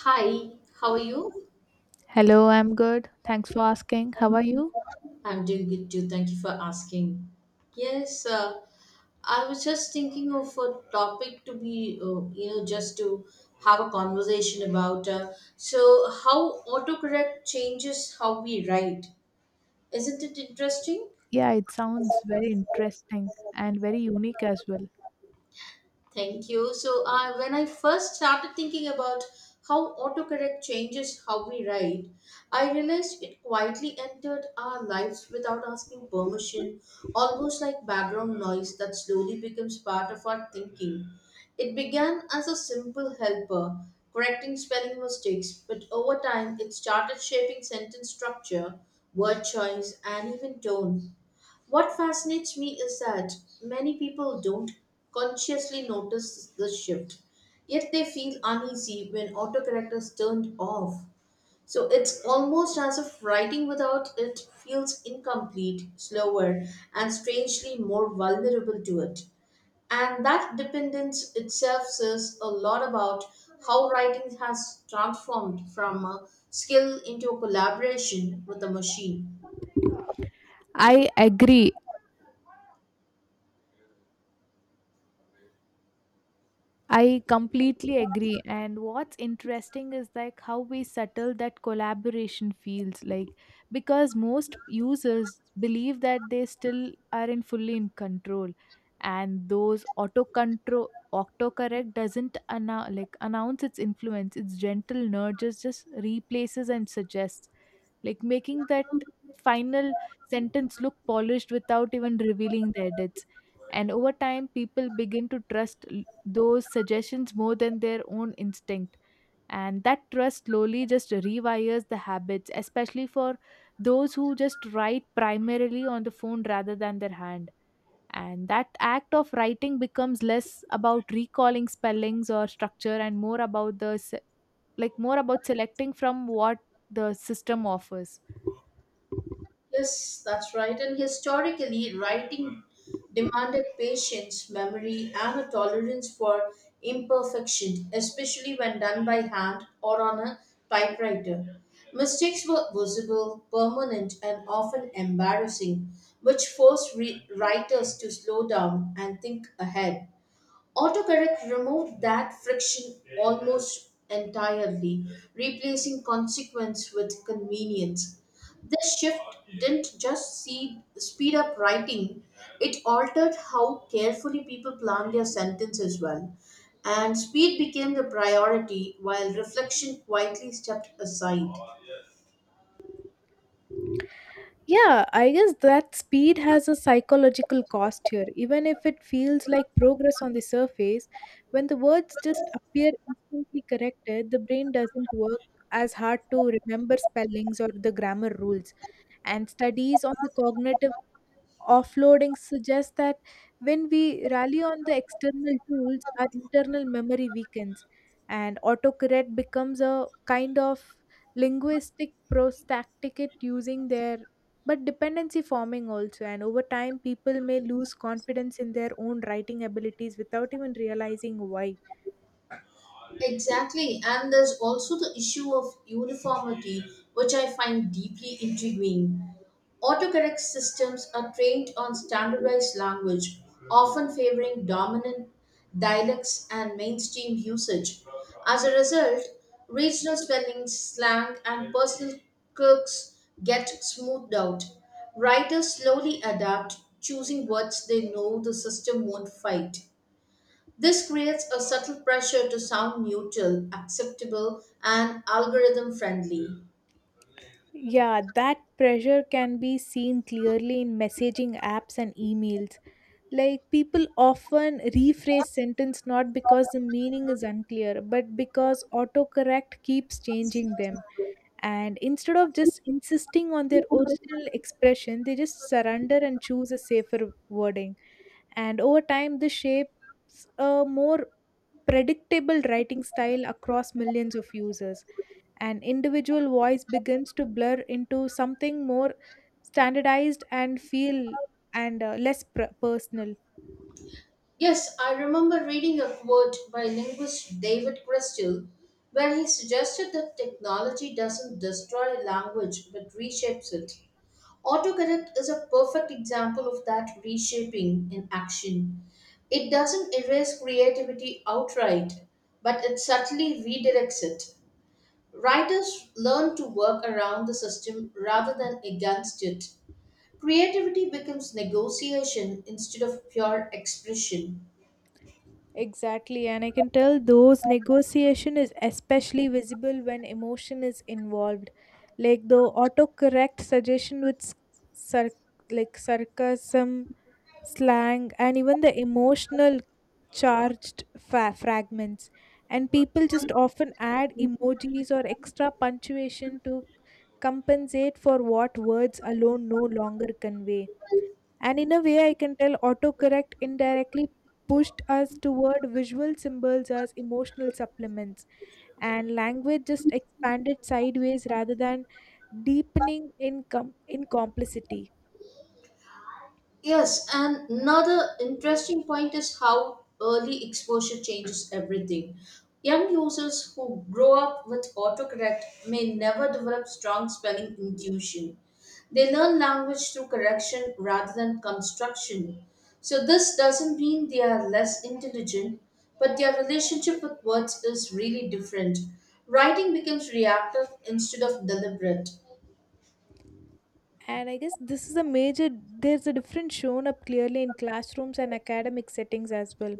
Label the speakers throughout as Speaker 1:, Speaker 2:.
Speaker 1: Hi, how are you?
Speaker 2: Hello, I'm good. Thanks for asking. How are you?
Speaker 1: I'm doing good too. Thank you for asking. Yes, uh, I was just thinking of a topic to be, just to have a conversation about. So, how autocorrect changes how we write. Isn't it interesting?
Speaker 2: Yeah, it sounds very interesting and very unique as well.
Speaker 1: Thank you. So, when I first started thinking about how autocorrect changes how we write, I realized it quietly entered our lives without asking permission, almost like background noise that slowly becomes part of our thinking. It began as a simple helper, correcting spelling mistakes, but over time it started shaping sentence structure, word choice, and even tone. What fascinates me is that many people don't consciously notice this shift, yet they feel uneasy when autocorrect is turned off. So it's almost as if writing without it feels incomplete, slower, and strangely more vulnerable to it. And that dependence itself says a lot about how writing has transformed from a skill into a collaboration with a machine.
Speaker 2: I agree. I completely agree. And what's interesting is like how we settle that collaboration feels like because most users believe that they still aren't fully in control and those autocorrect doesn't announce its influence. Its gentle nudges just replaces and suggests, like making that final sentence look polished without even revealing the edits. And over time, people begin to trust those suggestions more than their own instinct. And that trust slowly just rewires the habits, especially for those who just write primarily on the phone rather than their hand. And that act of writing becomes less about recalling spellings or structure and more about the se- like more about selecting from what the system offers.
Speaker 1: Yes, that's right. And historically, writing demanded patience, memory, and a tolerance for imperfection, especially when done by hand or on a typewriter. Mistakes were visible, permanent, and often embarrassing, which forced writers to slow down and think ahead. Autocorrect removed that friction almost entirely, replacing consequence with convenience. This shift didn't just speed up writing, it altered how carefully people plan their sentence as well. And speed became the priority while reflection quietly stepped aside.
Speaker 2: Yeah, I guess that speed has a psychological cost here. Even if it feels like progress on the surface, when the words just appear instantly corrected, the brain doesn't work as hard to remember spellings or the grammar rules. And studies on the cognitive offloading suggest that when we rally on the external tools, our internal memory weakens, and autocorrect becomes a kind of linguistic prostacticate using their but dependency forming also. And over time, people may lose confidence in their own writing abilities without even realizing why.
Speaker 1: Exactly, and there's also the issue of uniformity, which I find deeply intriguing. Autocorrect systems are trained on standardized language, often favoring dominant dialects and mainstream usage. As a result, regional spelling, slang, and personal quirks get smoothed out. Writers slowly adapt, choosing words they know the system won't fight. This creates a subtle pressure to sound neutral, acceptable, and algorithm friendly.
Speaker 2: Yeah, that pressure can be seen clearly in messaging apps and emails. Like, people often rephrase sentence not because the meaning is unclear, but because autocorrect keeps changing them. And instead of just insisting on their original expression, they just surrender and choose a safer wording. And over time, this shapes a more predictable writing style across millions of users. An individual voice begins to blur into something more standardized and feel and less personal.
Speaker 1: Yes, I remember reading a quote by linguist David Cristal where he suggested that technology doesn't destroy a language but reshapes it. Autocorrect is a perfect example of that reshaping in action. It doesn't erase creativity outright, but it subtly redirects it. Writers learn to work around the system rather than against it. Creativity becomes negotiation instead of pure expression.
Speaker 2: Exactly, and I can tell those negotiation is especially visible when emotion is involved. Like the autocorrect suggestion with sar- sarcasm, slang, and even the emotional charged fragments. And people just often add emojis or extra punctuation to compensate for what words alone no longer convey. And in a way, I can tell autocorrect indirectly pushed us toward visual symbols as emotional supplements, and language just expanded sideways rather than deepening in complicity.
Speaker 1: Yes, and another interesting point is how early exposure changes everything. Young users who grow up with autocorrect may never develop strong spelling intuition. They learn language through correction rather than construction. So, this doesn't mean they are less intelligent, but their relationship with words is really different. Writing becomes reactive instead of deliberate.
Speaker 2: And I guess this is a major, there's a difference shown up clearly in classrooms and academic settings as well.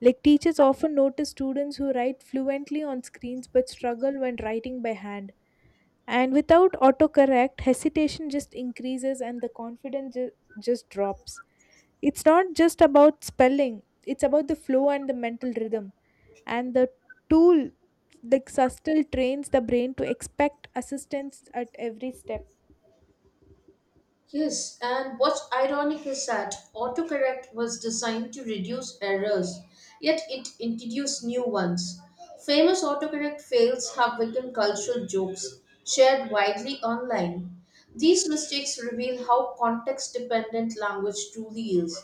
Speaker 2: Like, teachers often notice students who write fluently on screens but struggle when writing by hand, and without autocorrect hesitation just increases and the confidence just drops. It's not just about spelling, it's about the flow and the mental rhythm and the tool. The sustal trains the brain to expect assistance at every step.
Speaker 1: Yes, and what's ironic is that autocorrect was designed to reduce errors, yet it introduced new ones. Famous autocorrect fails have become cultural jokes shared widely online. These mistakes reveal how context dependent language truly is.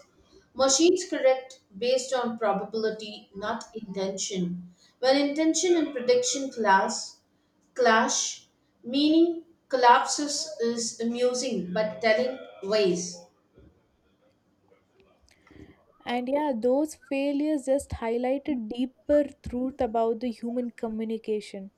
Speaker 1: Machines correct based on probability, not intention. When intention and prediction clash, meaning collapses is amusing but telling ways.
Speaker 2: And yeah, those failures just highlighted deeper truth about the human communication.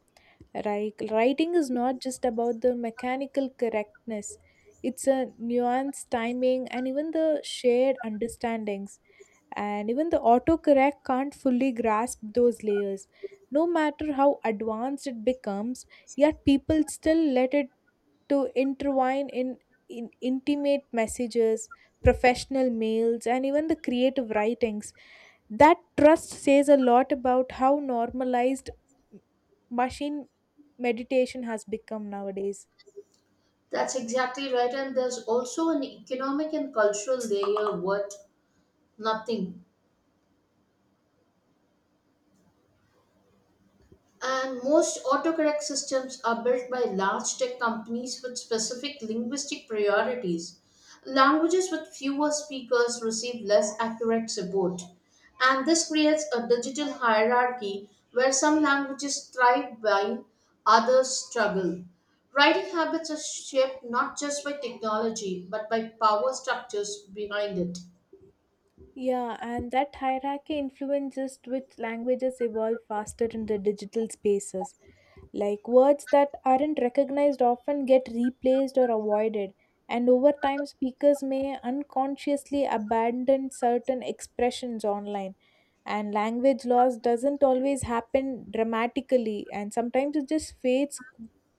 Speaker 2: Writing is not just about the mechanical correctness, it's a nuanced timing and even the shared understandings. And even the autocorrect can't fully grasp those layers. No matter how advanced it becomes, yet people still let it to intertwine in intimate messages, professional mails, and even the creative writings. That trust says a lot about how normalized machine meditation has become nowadays.
Speaker 1: That's exactly right, and there's also an economic and cultural layer worth nothing. And most autocorrect systems are built by large tech companies with specific linguistic priorities. Languages with fewer speakers receive less accurate support. And this creates a digital hierarchy where some languages thrive while others struggle. Writing habits are shaped not just by technology but by power structures behind it.
Speaker 2: Yeah, and that hierarchy influences which languages evolve faster in the digital spaces. Like, words that aren't recognized often get replaced or avoided, and over time, speakers may unconsciously abandon certain expressions online. And language loss doesn't always happen dramatically, and sometimes it just fades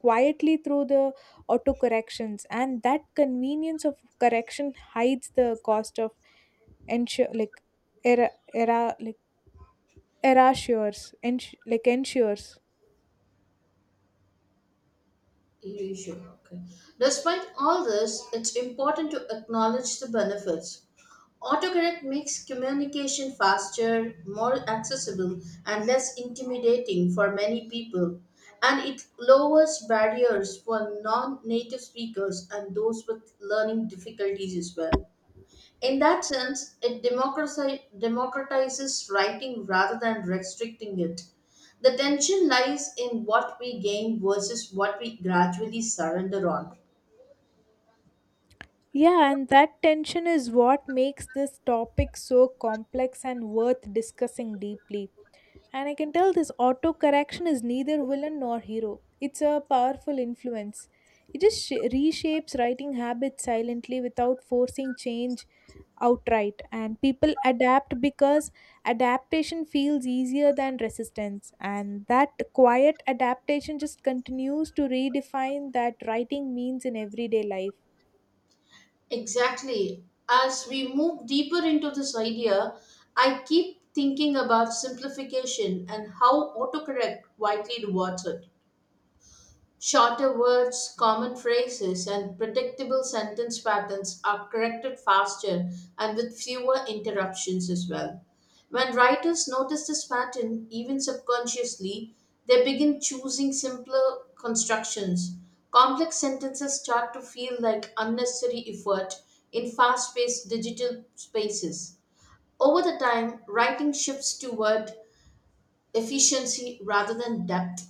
Speaker 2: quietly through the autocorrections. And that convenience of correction hides the cost of ensure like era era like erasures ensures.
Speaker 1: You should. Okay. Despite all this, it's important to acknowledge the benefits. Autocorrect makes communication faster, more accessible, and less intimidating for many people. And it lowers barriers for non native speakers and those with learning difficulties as well. In that sense, it democratizes writing rather than restricting it. The tension lies in what we gain versus what we gradually surrender on.
Speaker 2: Yeah, and that tension is what makes this topic so complex and worth discussing deeply. And I can tell this auto correction is neither villain nor hero, it's a powerful influence. It just reshapes writing habits silently without forcing change outright, and people adapt because adaptation feels easier than resistance. And that quiet adaptation just continues to redefine that writing means in everyday life.
Speaker 1: Exactly. As we move deeper into this idea, I keep thinking about simplification and how autocorrect widely rewards it. Shorter words, common phrases, and predictable sentence patterns are corrected faster and with fewer interruptions as well. When writers notice this pattern, even subconsciously, they begin choosing simpler constructions. Complex sentences start to feel like unnecessary effort in fast paced digital spaces. Over the time, writing shifts toward efficiency rather than depth.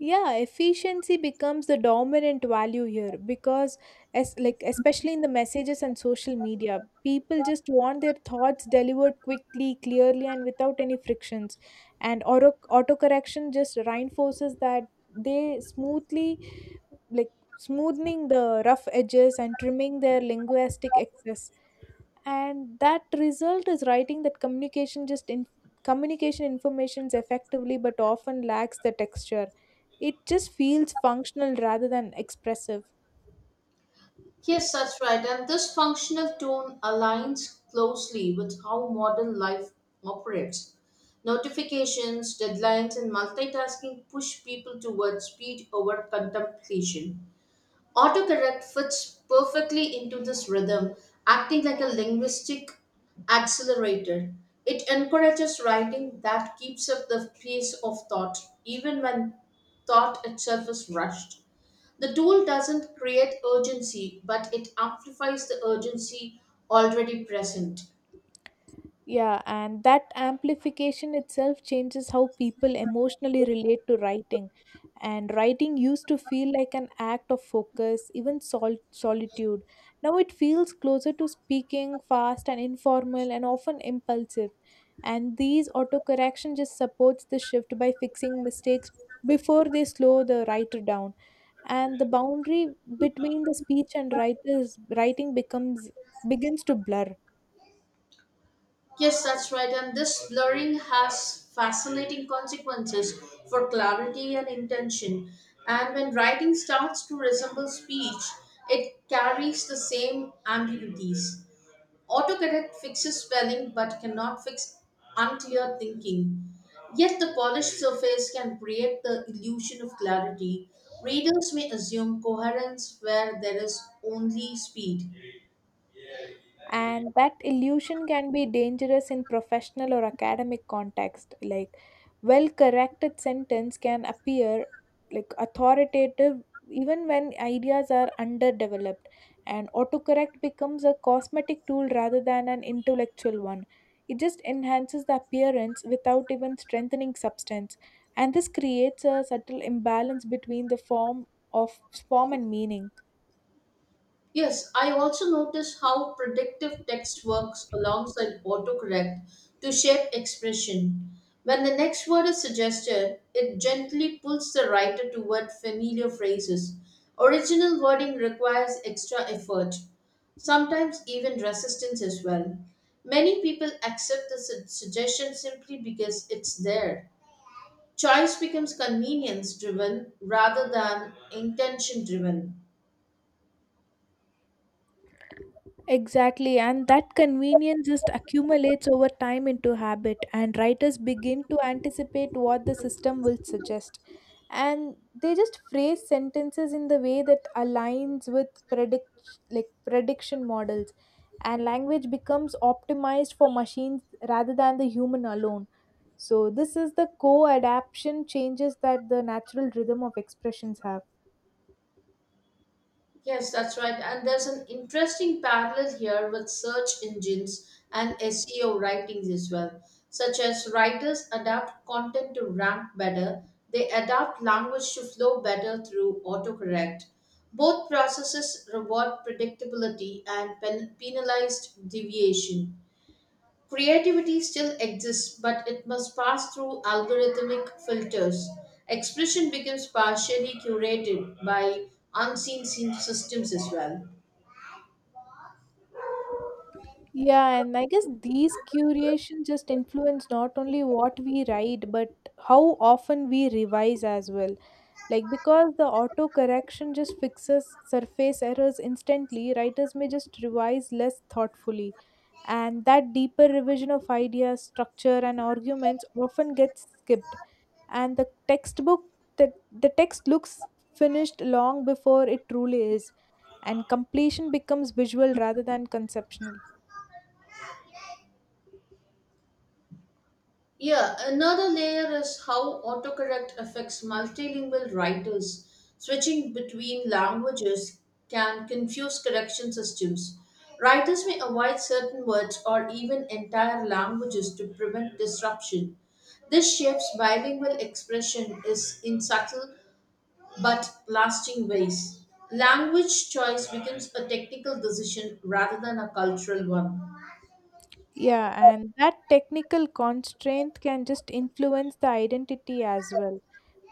Speaker 2: Yeah, efficiency becomes the dominant value here because, as like especially in the messages and social media, people just want their thoughts delivered quickly, clearly, and without any frictions. And autocorrection just reinforces that. They smoothly, like, smoothing the rough edges and trimming their linguistic excess. And that result is writing that communication just in communication informations effectively but often lacks the texture. It just feels functional rather than expressive.
Speaker 1: Yes, that's right. And this functional tone aligns closely with how modern life operates. Notifications, deadlines, and multitasking push people towards speed over contemplation. Autocorrect fits perfectly into this rhythm, acting like a linguistic accelerator. It encourages writing that keeps up the pace of thought, even when thought itself is rushed. The tool doesn't create urgency, but it amplifies the urgency already present.
Speaker 2: Yeah, and that amplification itself changes how people emotionally relate to writing. And writing used to feel like an act of focus, even solitude. Now it feels closer to speaking, fast and informal, and often impulsive. And these autocorrection just supports the shift by fixing mistakes before they slow the writer down. And the boundary between the speech and writers writing becomes begins to blur.
Speaker 1: Yes, that's right. And this blurring has fascinating consequences for clarity and intention. And when writing starts to resemble speech, it carries the same ambiguities. Autocorrect fixes spelling but cannot fix unclear thinking. Yet the polished surface can create the illusion of clarity. Readers may assume coherence where there is only speed.
Speaker 2: And that illusion can be dangerous in professional or academic context. Like, well corrected sentence can appear like authoritative even when ideas are underdeveloped, and autocorrect becomes a cosmetic tool rather than an intellectual one. It just enhances the appearance without even strengthening substance, and this creates a subtle imbalance between the form of form and meaning.
Speaker 1: Yes, I also notice how predictive text works alongside autocorrect to shape expression. When the next word is suggested, it gently pulls the writer toward familiar phrases. Original wording requires extra effort, sometimes even resistance as well. Many people accept the suggestion simply because it's there. Choice becomes convenience driven rather than intention driven.
Speaker 2: Exactly, and that convenience just accumulates over time into habit, and writers begin to anticipate what the system will suggest. And they just phrase sentences in the way that aligns with prediction models, and language becomes optimized for machines rather than the human alone. So this is the co-adaption changes that the natural rhythm of expressions have.
Speaker 1: Yes, that's right. And there's an interesting parallel here with search engines and SEO writings as well, such as writers adapt content to rank better, they adapt language to flow better through autocorrect. Both processes reward predictability and penalized deviation. Creativity still exists, but it must pass through algorithmic filters. Expression becomes partially curated by unseen systems as well.
Speaker 2: Yeah, and I guess these curations just influence not only what we write, but how often we revise as well. Like, because the auto correction just fixes surface errors instantly, writers may just revise less thoughtfully. And that deeper revision of ideas, structure, and arguments often gets skipped. And the text looks finished long before it truly is. And completion becomes visual rather than conceptual.
Speaker 1: Yeah, another layer is how autocorrect affects multilingual writers. Switching between languages can confuse correction systems. Writers may avoid certain words or even entire languages to prevent disruption. This shapes bilingual expression is in subtle but lasting ways. Language choice becomes a technical decision rather than a cultural one.
Speaker 2: Yeah, and that technical constraint can just influence the identity as well.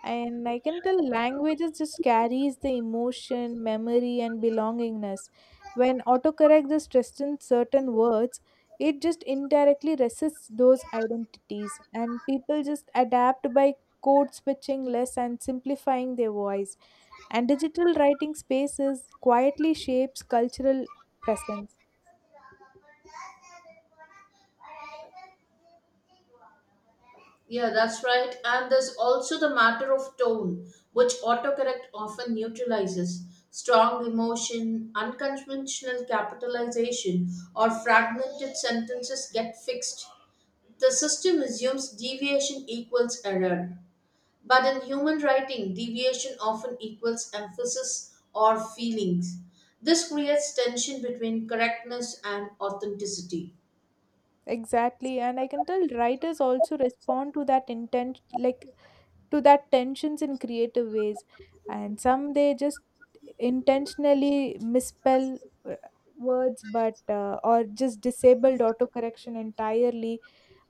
Speaker 2: And I can tell languages just carries the emotion, memory, and belongingness. When autocorrect just restricts certain words, it just indirectly resists those identities, and people just adapt by code switching less and simplifying their voice. And digital writing spaces quietly shapes cultural presence.
Speaker 1: Yeah, that's right. And there's also the matter of tone, which autocorrect often neutralizes. Strong emotion, unconventional capitalization, or fragmented sentences get fixed. The system assumes deviation equals error. But in human writing, deviation often equals emphasis or feelings. This creates tension between correctness and authenticity.
Speaker 2: Exactly, and I can tell writers also respond to that intent, like to that tensions in creative ways, and some they just intentionally misspell uh, words, but or just disabled autocorrection entirely,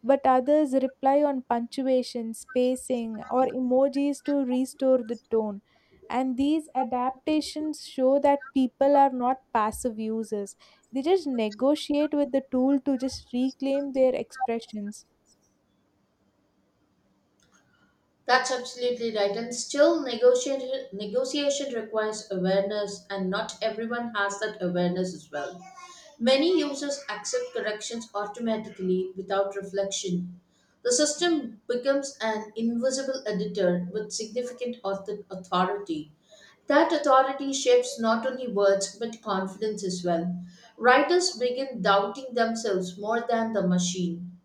Speaker 2: but others rely on punctuation, spacing, or emojis to restore the tone. And these adaptations show that people are not passive users. They just negotiate with the tool to just reclaim their expressions.
Speaker 1: That's absolutely right. And still, negotiation requires awareness, and not everyone has that awareness as well. Many users accept corrections automatically without reflection. The system becomes an invisible editor with significant authority. That authority shapes not only words but confidence as well. Writers begin doubting themselves more than the machine.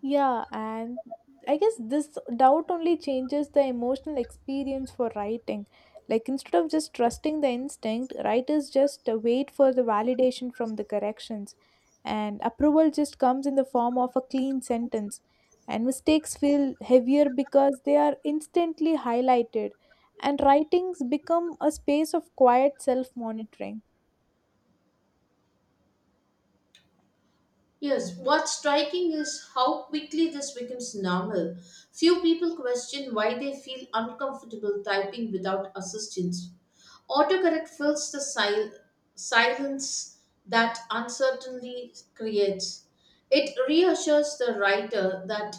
Speaker 2: Yeah, and I guess this doubt only changes the emotional experience for writing. Like, instead of just trusting the instinct, writers just wait for the validation from the corrections, and approval just comes in the form of a clean sentence. And mistakes feel heavier because they are instantly highlighted, and writings become a space of quiet self monitoring.
Speaker 1: Yes, what's striking is how quickly this becomes normal. Few people question why they feel uncomfortable typing without assistance. Autocorrect fills the silence that uncertainty creates. It reassures the writer that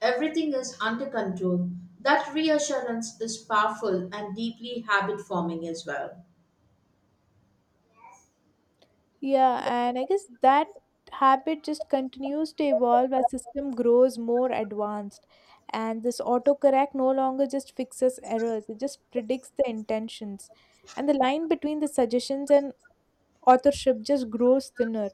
Speaker 1: everything is under control. That reassurance is powerful and deeply habit forming as well.
Speaker 2: Yeah, and I guess that habit just continues to evolve as system grows more advanced. And this autocorrect no longer just fixes errors, it just predicts the intentions. And the line between the suggestions and authorship just grows thinner.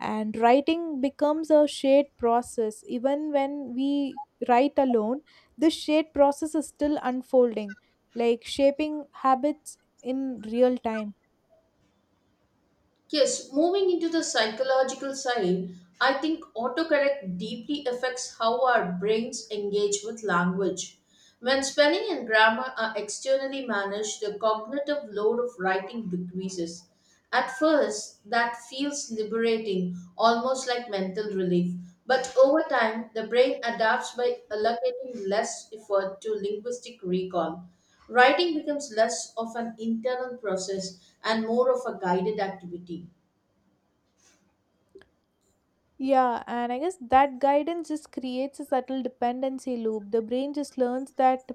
Speaker 2: And writing becomes a shared process. Even when we write alone, this shared process is still unfolding, like shaping habits in real time.
Speaker 1: Yes, moving into the psychological side, I think autocorrect deeply affects how our brains engage with language. When spelling and grammar are externally managed, the cognitive load of writing decreases. At first, that feels liberating, almost like mental relief. But over time, the brain adapts by allocating less effort to linguistic recall. Writing becomes less of an internal process and more of a guided activity.
Speaker 2: Yeah, and I guess that guidance just creates a subtle dependency loop. The brain just learns that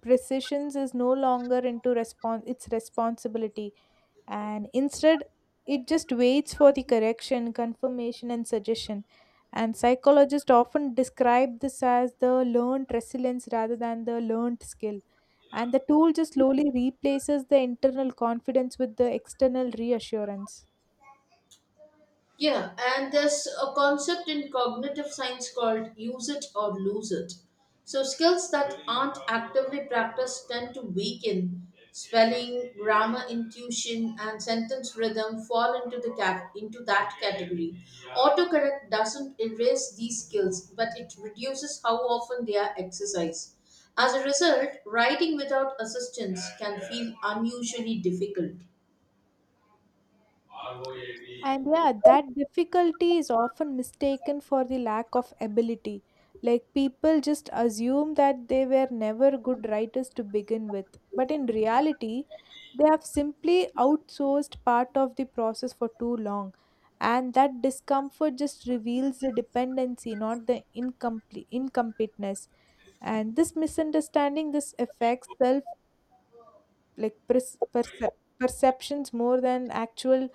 Speaker 2: precisions is no longer into respon its responsibility, and instead it just waits for the correction, confirmation, and suggestion. And psychologists often describe this as the learned resilience rather than the learned skill. And the tool just slowly replaces the internal confidence with the external reassurance.
Speaker 1: Yeah, and there's a concept in cognitive science called use it or lose it. So, skills that aren't actively practiced tend to weaken. Spelling, grammar, intuition, and sentence rhythm fall into the cat into that category. Autocorrect doesn't erase these skills, but it reduces how often they are exercised. As a result, writing without assistance can feel unusually difficult.
Speaker 2: And yeah, that difficulty is often mistaken for the lack of ability. Like, people just assume that they were never good writers to begin with. But in reality, they have simply outsourced part of the process for too long. And that discomfort just reveals the dependency, not the incompleteness. And this misunderstanding this affects self perceptions more than actual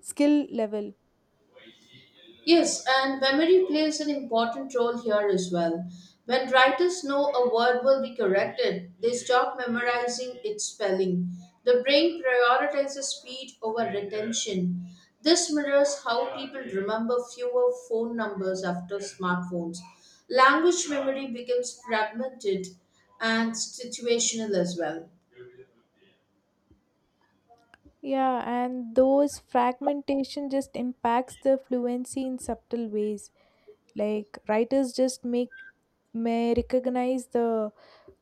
Speaker 2: skill level.
Speaker 1: Yes, and memory plays an important role here as well. When writers know a word will be corrected, they stop memorizing its spelling. The brain prioritizes speed over retention. This mirrors how people remember fewer phone numbers after smartphones. Language memory becomes fragmented and situational as well.
Speaker 2: Yeah, and those fragmentation just impacts the fluency in subtle ways. Like, writers just make may recognize the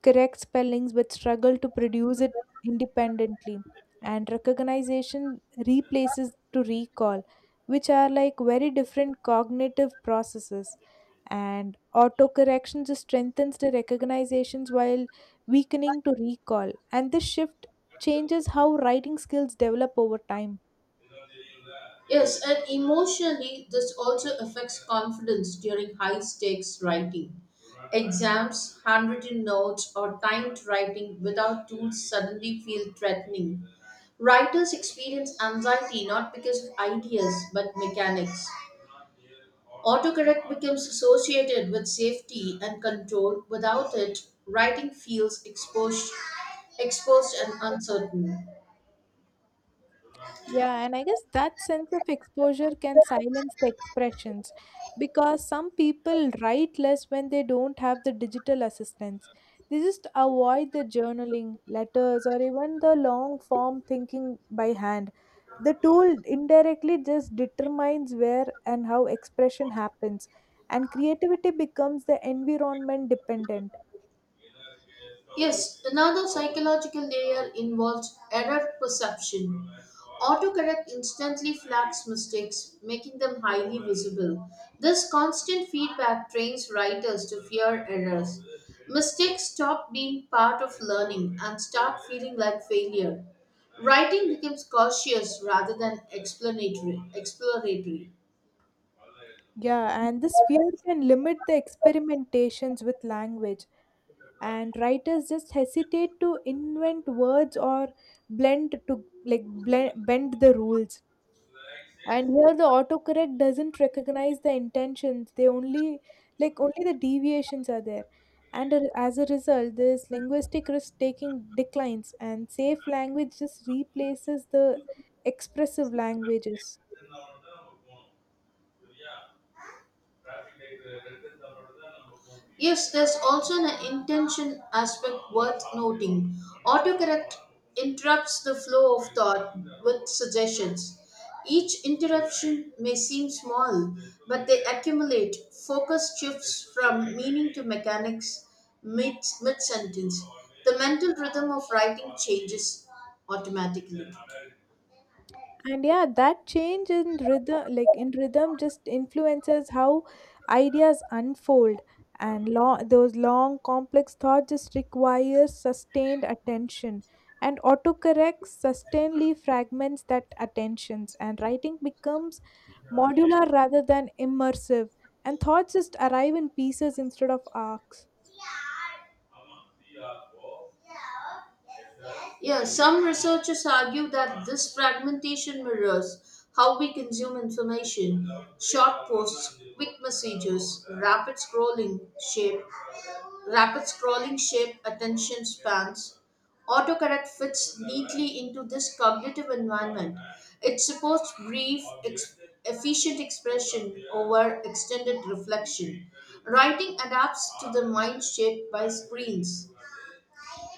Speaker 2: correct spellings but struggle to produce it independently. And recognition replaces to recall, which are like very different cognitive processes. And autocorrection just strengthens the recognitions while weakening to recall. And this shift changes how writing skills develop over time.
Speaker 1: Yes, and emotionally, this also affects confidence during high stakes writing. Exams, handwritten notes, or timed writing without tools suddenly feel threatening. Writers experience anxiety not because of ideas but mechanics. Autocorrect becomes associated with safety and control. Without it, writing feels exposed and uncertain.
Speaker 2: Yeah, and I guess that sense of exposure can silence the expressions because some people write less when they don't have the digital assistance. They just avoid the journaling, letters, or even the long form thinking by hand. The tool indirectly just determines where and how expression happens, and creativity becomes the environment dependent.
Speaker 1: Yes, another psychological layer involves error perception. Autocorrect instantly flags mistakes, making them highly visible. This constant feedback trains writers to fear errors. Mistakes stop being part of learning and start feeling like failure. Writing becomes cautious rather than explanatory. Exploratory.
Speaker 2: Yeah, and this fear can limit the experimentations with language, and writers just hesitate to invent words or blend to like blend, bend the rules. And here the autocorrect doesn't recognize the intentions; they only like only the deviations are there. As a result, this linguistic risk taking declines, and safe language just replaces the expressive languages.
Speaker 1: Yes, there's also an intention aspect worth noting. Autocorrect interrupts the flow of thought with suggestions. Each interruption may seem small, but they accumulate. Focus shifts from meaning to mechanics mid sentence. The mental rhythm of writing changes automatically.
Speaker 2: And yeah, that change in rhythm, just influences how ideas unfold. And those long, complex thoughts just require sustained attention. And autocorrect sustainedly fragments that attentions. And writing becomes modular rather than immersive. And thoughts just arrive in pieces instead of arcs.
Speaker 1: Yeah, some researchers argue that this fragmentation mirrors how we consume information. Short posts, quick messages, shape, rapid scrolling shape attention spans. Autocorrect fits neatly into this cognitive environment. It supports brief, efficient expression over extended reflection. Writing adapts to the mind shaped by screens.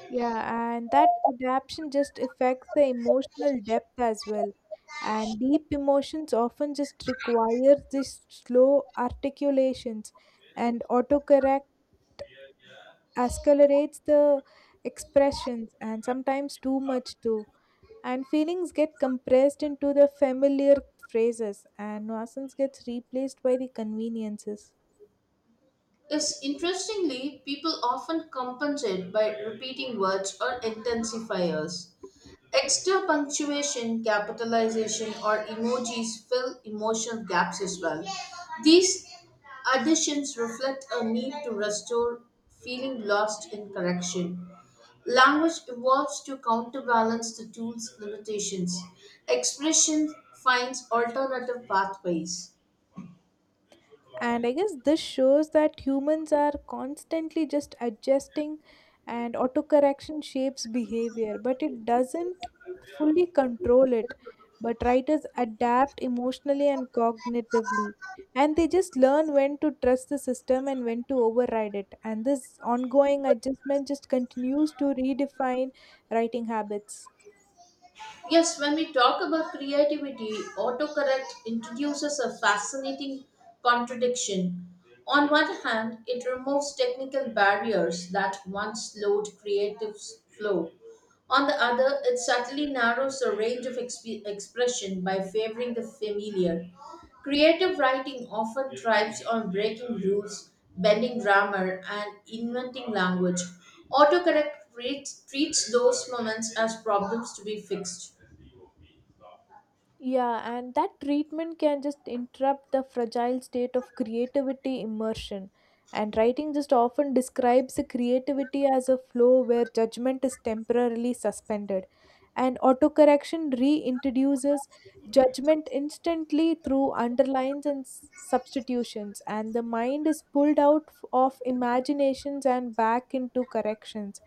Speaker 2: Yeah, and that adaptation just affects the emotional depth as well. And deep emotions often just require this slow articulations, and autocorrect accelerates the expressions, and sometimes too much too. And feelings get compressed into the familiar phrases, and nuisance gets replaced by the conveniences.
Speaker 1: Is interestingly, people often compensate by repeating words or intensifiers. Extra punctuation, capitalization, or emojis fill emotional gaps as well. These additions reflect a need to restore feeling lost in correction. Language evolves to counterbalance the tool's limitations. Expression finds alternative pathways.
Speaker 2: And I guess this shows that humans are constantly just adjusting and autocorrection shapes behavior, but it doesn't fully control it. But writers adapt emotionally and cognitively, and they just learn when to trust the system and when to override it. And this ongoing adjustment just continues to redefine writing habits.
Speaker 1: Yes, when we talk about creativity, autocorrect introduces a fascinating contradiction. On one hand, it removes technical barriers that once slowed creative flow. On the other, it subtly narrows the range of expression by favoring the familiar. Creative writing often thrives on breaking rules, bending grammar, and inventing language. Autocorrect treats those moments as problems to be fixed.
Speaker 2: Yeah, and that treatment can just interrupt the fragile state of creativity immersion. And writing just often describes the creativity as a flow where judgment is temporarily suspended. And autocorrection reintroduces judgment instantly through underlines and substitutions, and the mind is pulled out of imaginations and back into corrections.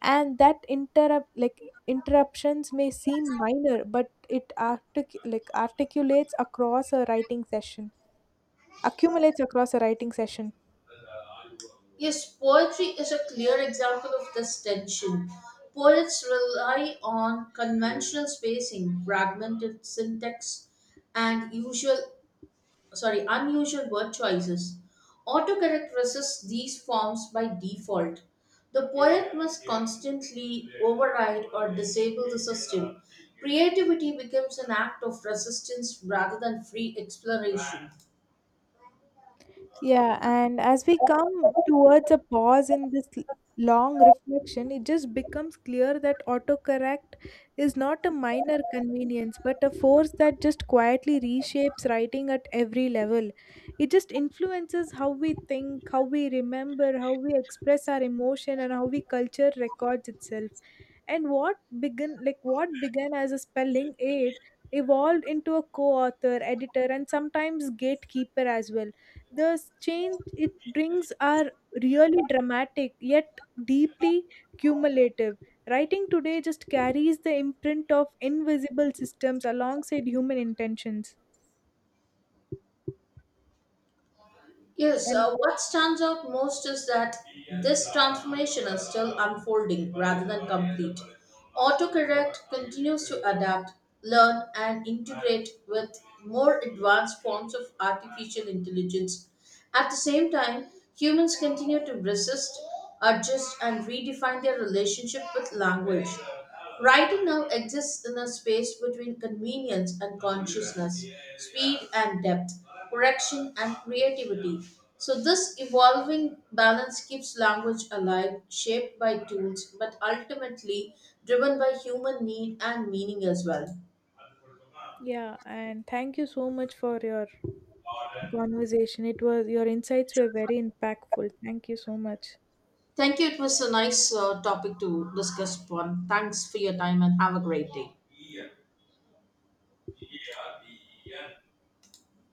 Speaker 2: And that interruptions may seem minor but it artic- like articulates across a writing session accumulates across a writing session.
Speaker 1: Yes, poetry is a clear example of this tension. Poets rely on conventional spacing, fragmented syntax, and unusual word choices. Autocorrect resists these forms by default. The poet must constantly override or disable the system. Creativity becomes an act of resistance rather than free exploration.
Speaker 2: Yeah, and as we come towards a pause in this long reflection, it just becomes clear that autocorrect is not a minor convenience, but a force that just quietly reshapes writing at every level. It just influences how we think, how we remember, how we express our emotion, and how we culture records itself. And what began as a spelling aid, evolved into a co-author, editor, and sometimes gatekeeper as well. The change it brings are really dramatic yet deeply cumulative. Writing today just carries the imprint of invisible systems alongside human intentions.
Speaker 1: Yes,
Speaker 2: And
Speaker 1: what stands out most is that this transformation is still unfolding rather than complete. Autocorrect continues to adapt, learn, and integrate with more advanced forms of artificial intelligence. At the same time, humans continue to resist, adjust, and redefine their relationship with language. Writing now exists in a space between convenience and consciousness, speed and depth correction, and creativity. So, this evolving balance keeps language alive, shaped by tools, but ultimately driven by human need and meaning as well.
Speaker 2: yeah, and thank you so much for your conversation. It was your insights were very impactful. Thank you so much.
Speaker 1: Thank you. It was a nice topic to discuss upon. Thanks for your time and have a great day.